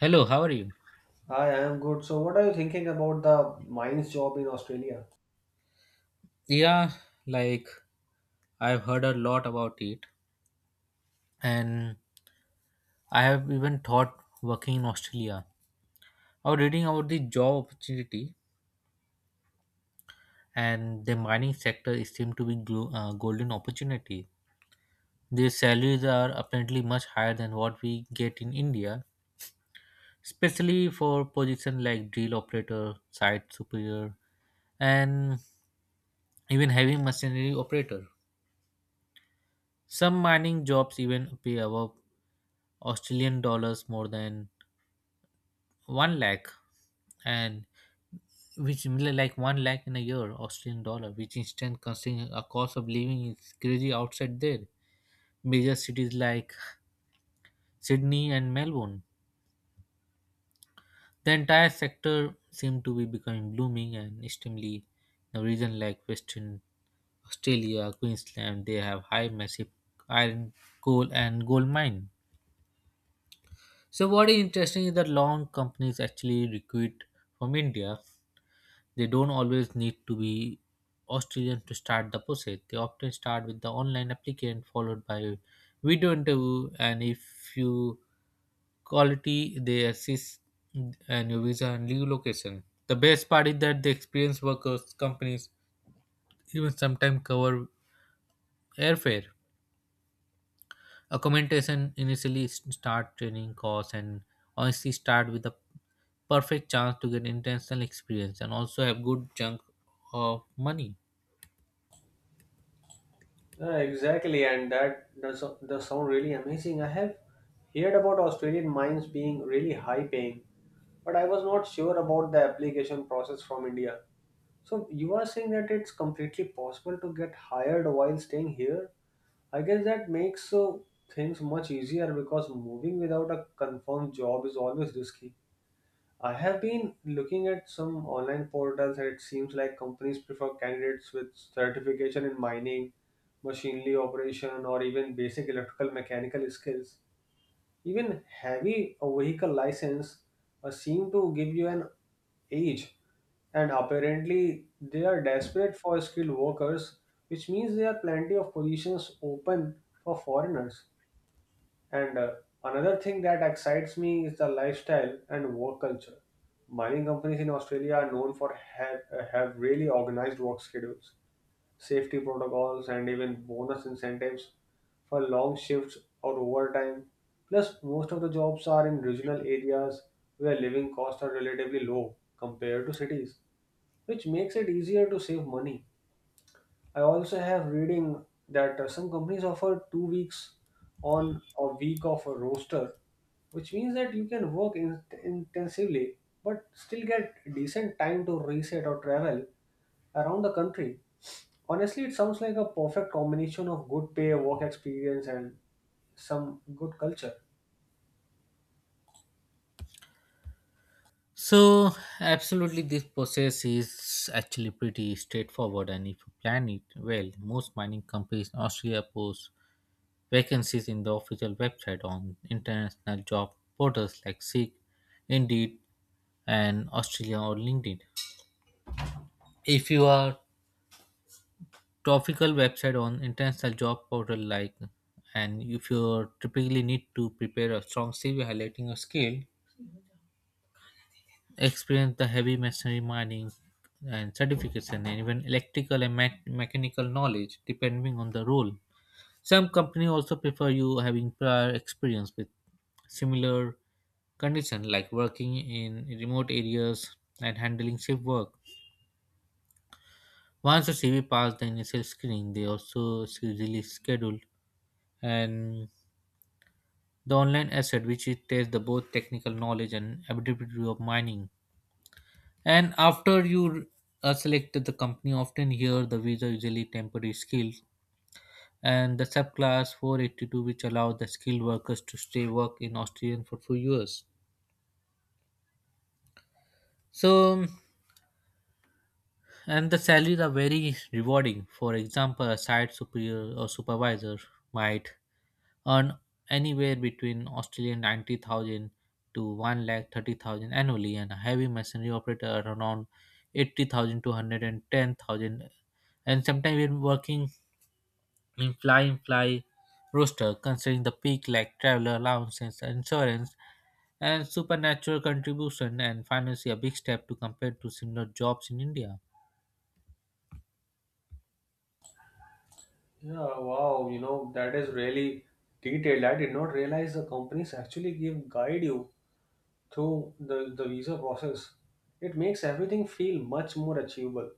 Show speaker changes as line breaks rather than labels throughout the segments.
Hello, how are you?
Hi, I am good. So, what are you thinking about the mines job in Australia?
Yeah, like I've heard a lot about it, and I have even thought working in Australia. I was reading about the job opportunity, and the mining sector is seemed to be golden opportunity. Their salaries are apparently much higher than what we get in India, especially for position like drill operator, site superior, and even heavy machinery operator. Some mining jobs even pay above Australian dollars more than one lakh and which mean like one lakh in a year Australian dollar, which instant considering a cost of living is crazy outside there. Major cities like Sydney and Melbourne. The entire sector seem to be becoming blooming and extremely the region like Western Australia, Queensland, they have high massive iron, coal and gold mine. So what is interesting is that long companies actually recruit from India. They don't always need to be Australian to start the process. They often start with the online applicant followed by video interview, and if you quality they assist and your visa and leave location. The best part is that the experienced workers companies even sometimes cover airfare. Accommodation, initially start, training costs, and honestly start with a perfect chance to get international experience and also have good chunk of money.
Yeah, exactly, and that does sound really amazing. I have heard about Australian mines being really high paying, but I was not sure about the application process from India. So, you are saying that it's completely possible to get hired while staying here? I guess that makes things much easier because moving without a confirmed job is always risky. I have been looking at some online portals, and it seems like companies prefer candidates with certification in mining, machinery operation, or even basic electrical mechanical skills. Even heavy a vehicle license seem to give you an edge, and apparently they are desperate for skilled workers, which means there are plenty of positions open for foreigners. And another thing that excites me is the lifestyle and work culture. Mining companies in Australia are known for have really organized work schedules, safety protocols, and even bonus incentives for long shifts or overtime. Plus, most of the jobs are in regional areas where living costs are relatively low compared to cities, which makes it easier to save money. I also have reading that some companies offer 2 weeks on a week of a roster, which means that you can work intensively but still get decent time to reset or travel around the country. Honestly, it sounds like a perfect combination of good pay, work experience, and some good culture.
So, absolutely, this process is actually pretty straightforward, and if you plan it well, most mining companies in Australia post vacancies in the official website on international job portals like Seek, Indeed, and Australia or LinkedIn. If you are topical website on international job portal like, and if you typically need to prepare a strong CV highlighting your skill, experience the heavy machinery mining and certification, and even electrical and mechanical knowledge depending on the role. Some company also prefer you having prior experience with similar condition like working in remote areas and handling shift work. Once the CV passed the initial screening, they also usually schedule, and the online asset which it tests the both technical knowledge and ability of mining. And after you selected the company, often here the visa usually temporary skilled, and the subclass 482 which allow the skilled workers to stay work in Australian for few years. So and the salaries are very rewarding. For example, a site superior or supervisor might earn anywhere between Australian 90,000 to 1 lakh 30,000 annually, and a heavy machinery operator around 80,000 to 110,000, and sometimes we're working in fly in fly roster, considering the peak like traveler allowances, insurance, and supernatural contribution, and financially a big step to compare to similar jobs in India.
Yeah, wow, you know, that is really detailed. I did not realize the companies actually give guide you through the visa process. It makes everything feel much more achievable.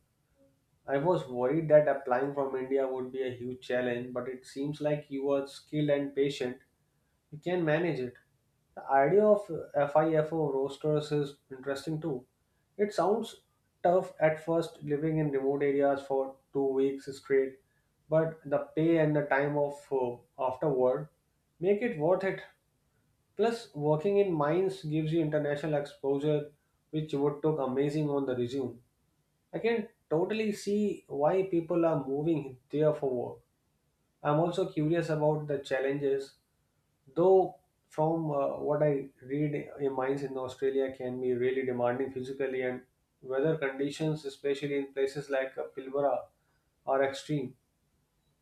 I was worried that applying from India would be a huge challenge, but it seems like you are skilled and patient. You can manage it. The idea of FIFO rosters is interesting too. It sounds tough at first living in remote areas for 2 weeks straight, but the pay and the time of afterward make it worth it. Plus, working in mines gives you international exposure, which would look amazing on the resume. I can totally see why people are moving there for work. I'm also curious about the challenges, though. From what I read, mines in Australia can be really demanding physically, and weather conditions, especially in places like Pilbara, are extreme.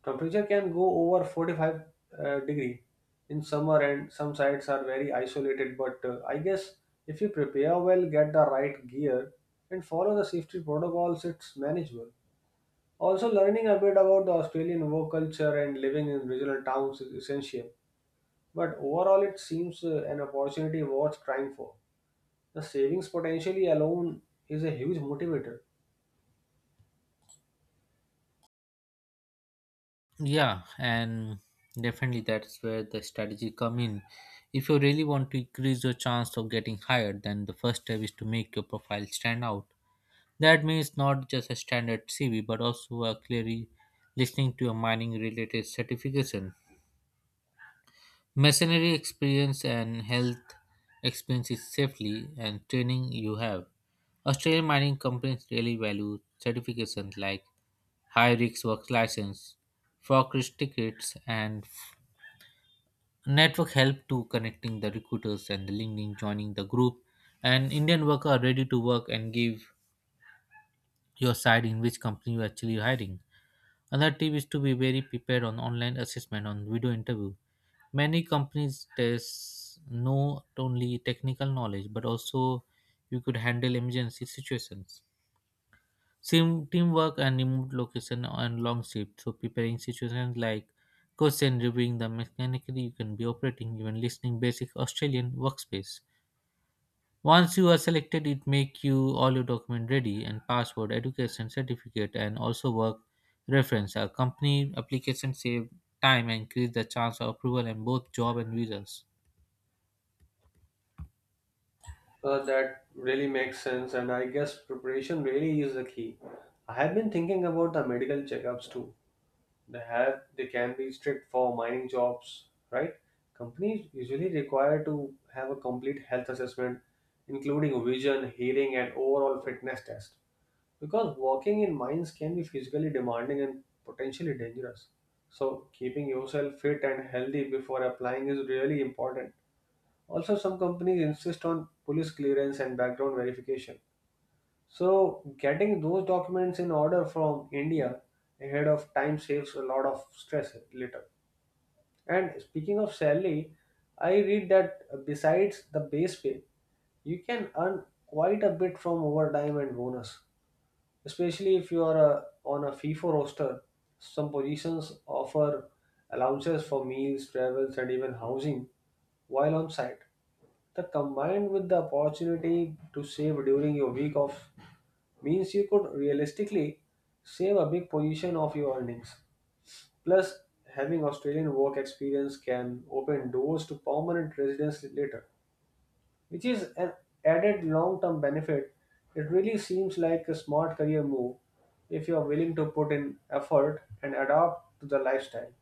Temperature can go over 45 degree in summer and some sites are very isolated, but I guess if you prepare well, get the right gear and follow the safety protocols, it's manageable. Also, learning a bit about the Australian work culture and living in regional towns is essential. But overall it seems an opportunity worth trying for. The savings potentially alone is a huge motivator.
Yeah, and definitely that's where the strategy come in. If you really want to increase your chance of getting hired, then the first step is to make your profile stand out. That means not just a standard CV, but also a clearly listening to your mining related certification, machinery experience, and health experience safely and training you have. Australian mining companies really value certifications like high risk work license, forklift tickets, and network help to connecting the recruiters and the LinkedIn joining the group. And Indian worker are ready to work and give your side in which company you actually hiring. Another tip is to be very prepared on online assessment on video interview. Many companies test not only technical knowledge but also you could handle emergency situations. Sim teamwork and remote location and long shift. So preparing situations like codes and reviewing the mechanically you can be operating, even listening basic Australian workspace. Once you are selected, it make you all your document ready and password, education certificate, and also work reference. A company application save time and increase the chance of approval in both job and visas.
That really makes sense, and I guess preparation really is the key. I have been thinking about the medical checkups too. They have they can be strict for mining jobs, right? Companies usually require to have a complete health assessment, including vision, hearing, and overall fitness test. Because working in mines can be physically demanding and potentially dangerous. So keeping yourself fit and healthy before applying is really important. Also, some companies insist on police clearance and background verification. So, getting those documents in order from India ahead of time saves a lot of stress later. And speaking of salary, I read that besides the base pay, you can earn quite a bit from overtime and bonus, especially if you are a, on a FIFA roster. Some positions offer allowances for meals, travels, and even housing while on site. The combined with the opportunity to save during your week off means you could realistically save a big position of your earnings. Plus, having Australian work experience can open doors to permanent residence later, which is an added long term benefit. It really seems like a smart career move if you are willing to put in effort and adapt to the lifestyle.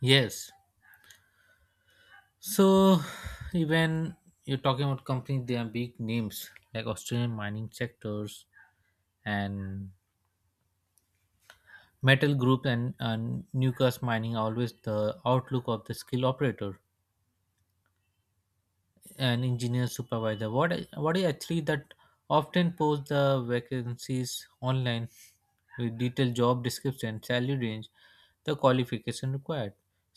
Yes. So even you're talking about companies, they are big names like Australian mining sectors and metal group, and Newcastle mining are always the outlook of the skilled operator, an engineer supervisor, what is actually that often post the vacancies online with detailed job description, salary range, the qualification required.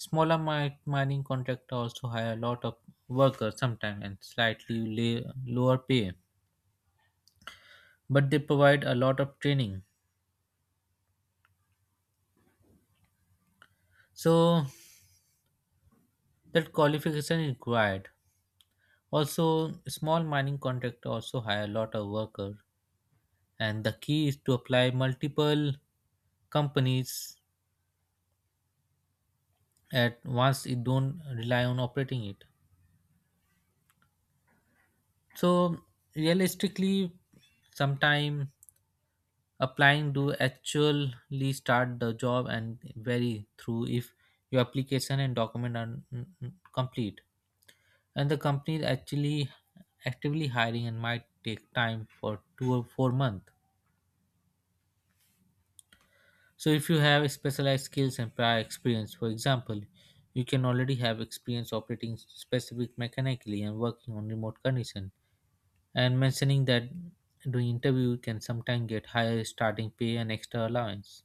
Smaller mining contractor also hire a lot of workers, sometimes and slightly lower pay, but they provide a lot of training. So that qualification is required. Also small mining contractor also hire a lot of workers, and the key is to apply multiple companies at once. It don't rely on operating it. So realistically sometime applying to actually start the job and vary through if your application and document are complete and the company is actually actively hiring, and might take time for 2 or 4 months. So if you have specialized skills and prior experience, for example, you can already have experience operating specific mechanically and working on remote condition, and mentioning that doing interview can sometimes get higher starting pay and extra allowance.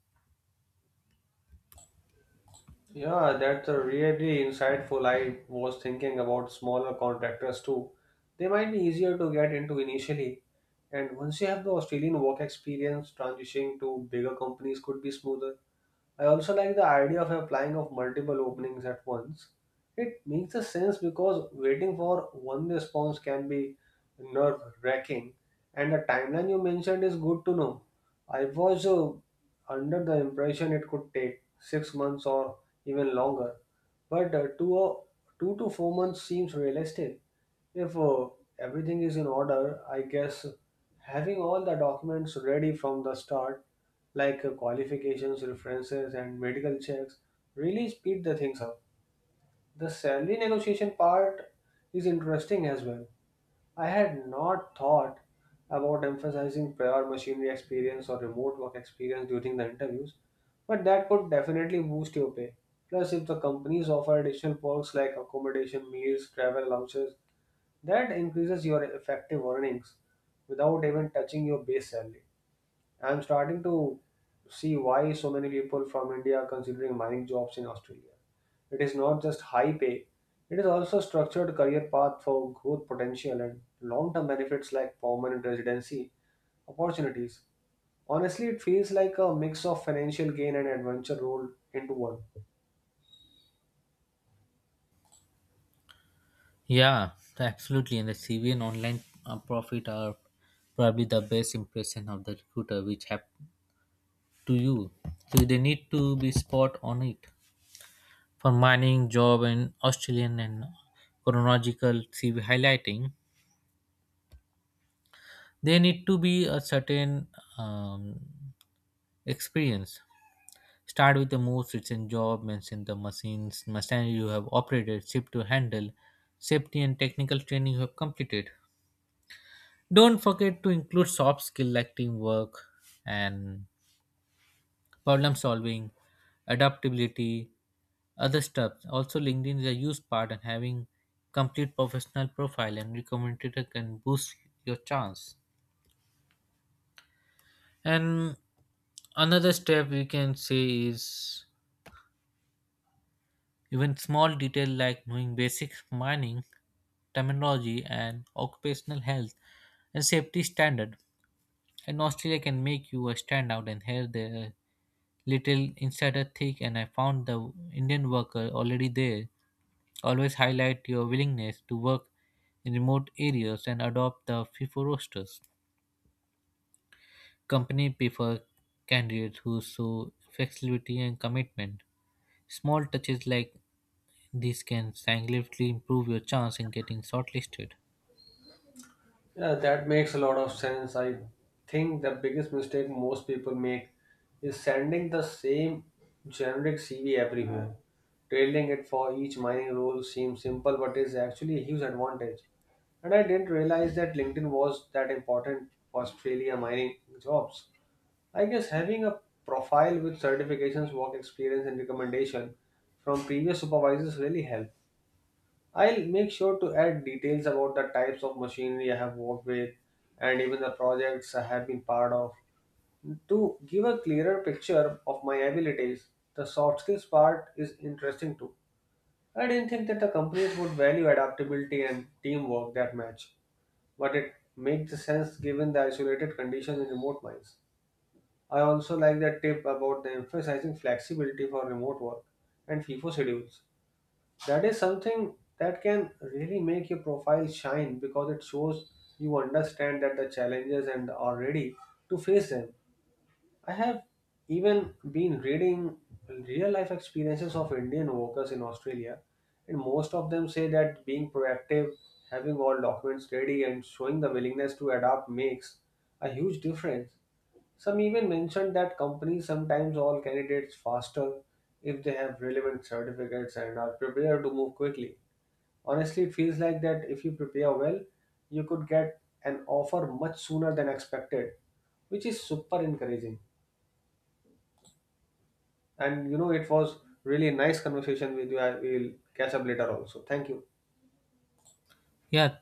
Yeah, that's a really insightful. I was thinking about smaller contractors too. They might be easier to get into initially. And once you have the Australian work experience, transitioning to bigger companies could be smoother. I also like the idea of applying of multiple openings at once. It makes a sense because waiting for one response can be nerve wracking, and the timeline you mentioned is good to know. I was under the impression it could take 6 months or even longer, but 2 to 4 months seems realistic. If everything is in order, I guess having all the documents ready from the start, like qualifications, references, and medical checks, really speed the things up. The salary negotiation part is interesting as well. I had not thought about emphasizing prior machinery experience or remote work experience during the interviews, but that could definitely boost your pay. Plus, if the companies offer additional perks like accommodation, meals, travel allowances, that increases your effective earnings without even touching your base salary. I'm starting to see why so many people from India are considering mining jobs in Australia. It is not just high pay, it is also structured career path for growth potential and long-term benefits like permanent residency opportunities. Honestly, it feels like a mix of financial gain and adventure rolled into one.
Yeah, absolutely. And the CV and online profit are probably the best impression of the recruiter which have to you. So they need to be spot on it. For mining, job, and Australian and chronological CV highlighting, they need to be a certain um, experience. Start with the most recent job, mention the machines, machinery you have operated, ship to handle, safety and technical training you have completed. Don't forget to include soft skills like teamwork and problem solving, adaptability, other stuff. Also, LinkedIn is a huge part, and having complete professional profile and recommended can boost your chance. And another step we can say is even small details like knowing basic mining terminology and occupational health and safety standard in Australia can make you a standout, and here the little insider thick and I found the Indian worker already there always highlight your willingness to work in remote areas and adopt the FIFO rosters. Company prefer candidates who show flexibility and commitment. Small touches like this can significantly improve your chance in getting shortlisted.
Yeah, that makes a lot of sense. I think the biggest mistake most people make is sending the same generic CV everywhere. Tailoring it for each mining role seems simple, but is actually a huge advantage. And I didn't realize that LinkedIn was that important for Australia mining jobs. I guess having a profile with certifications, work experience, and recommendation from previous supervisors really help. I'll make sure to add details about the types of machinery I have worked with and even the projects I have been part of to give a clearer picture of my abilities. The soft skills part is interesting too. I didn't think that the companies would value adaptability and teamwork that much, but it makes sense given the isolated conditions in remote mines. I also like that tip about the emphasizing flexibility for remote work and FIFO schedules. That is something that can really make your profile shine because it shows you understand that the challenges and are ready to face them. I have even been reading real life experiences of Indian workers in Australia, and most of them say that being proactive, having all documents ready, and showing the willingness to adapt makes a huge difference. Some even mentioned that companies sometimes all candidates faster if they have relevant certificates and are prepared to move quickly. Honestly, it feels like that if you prepare well, you could get an offer much sooner than expected, which is super encouraging. And you know, it was really nice conversation with you. I will catch up later also. Thank you.
Yeah,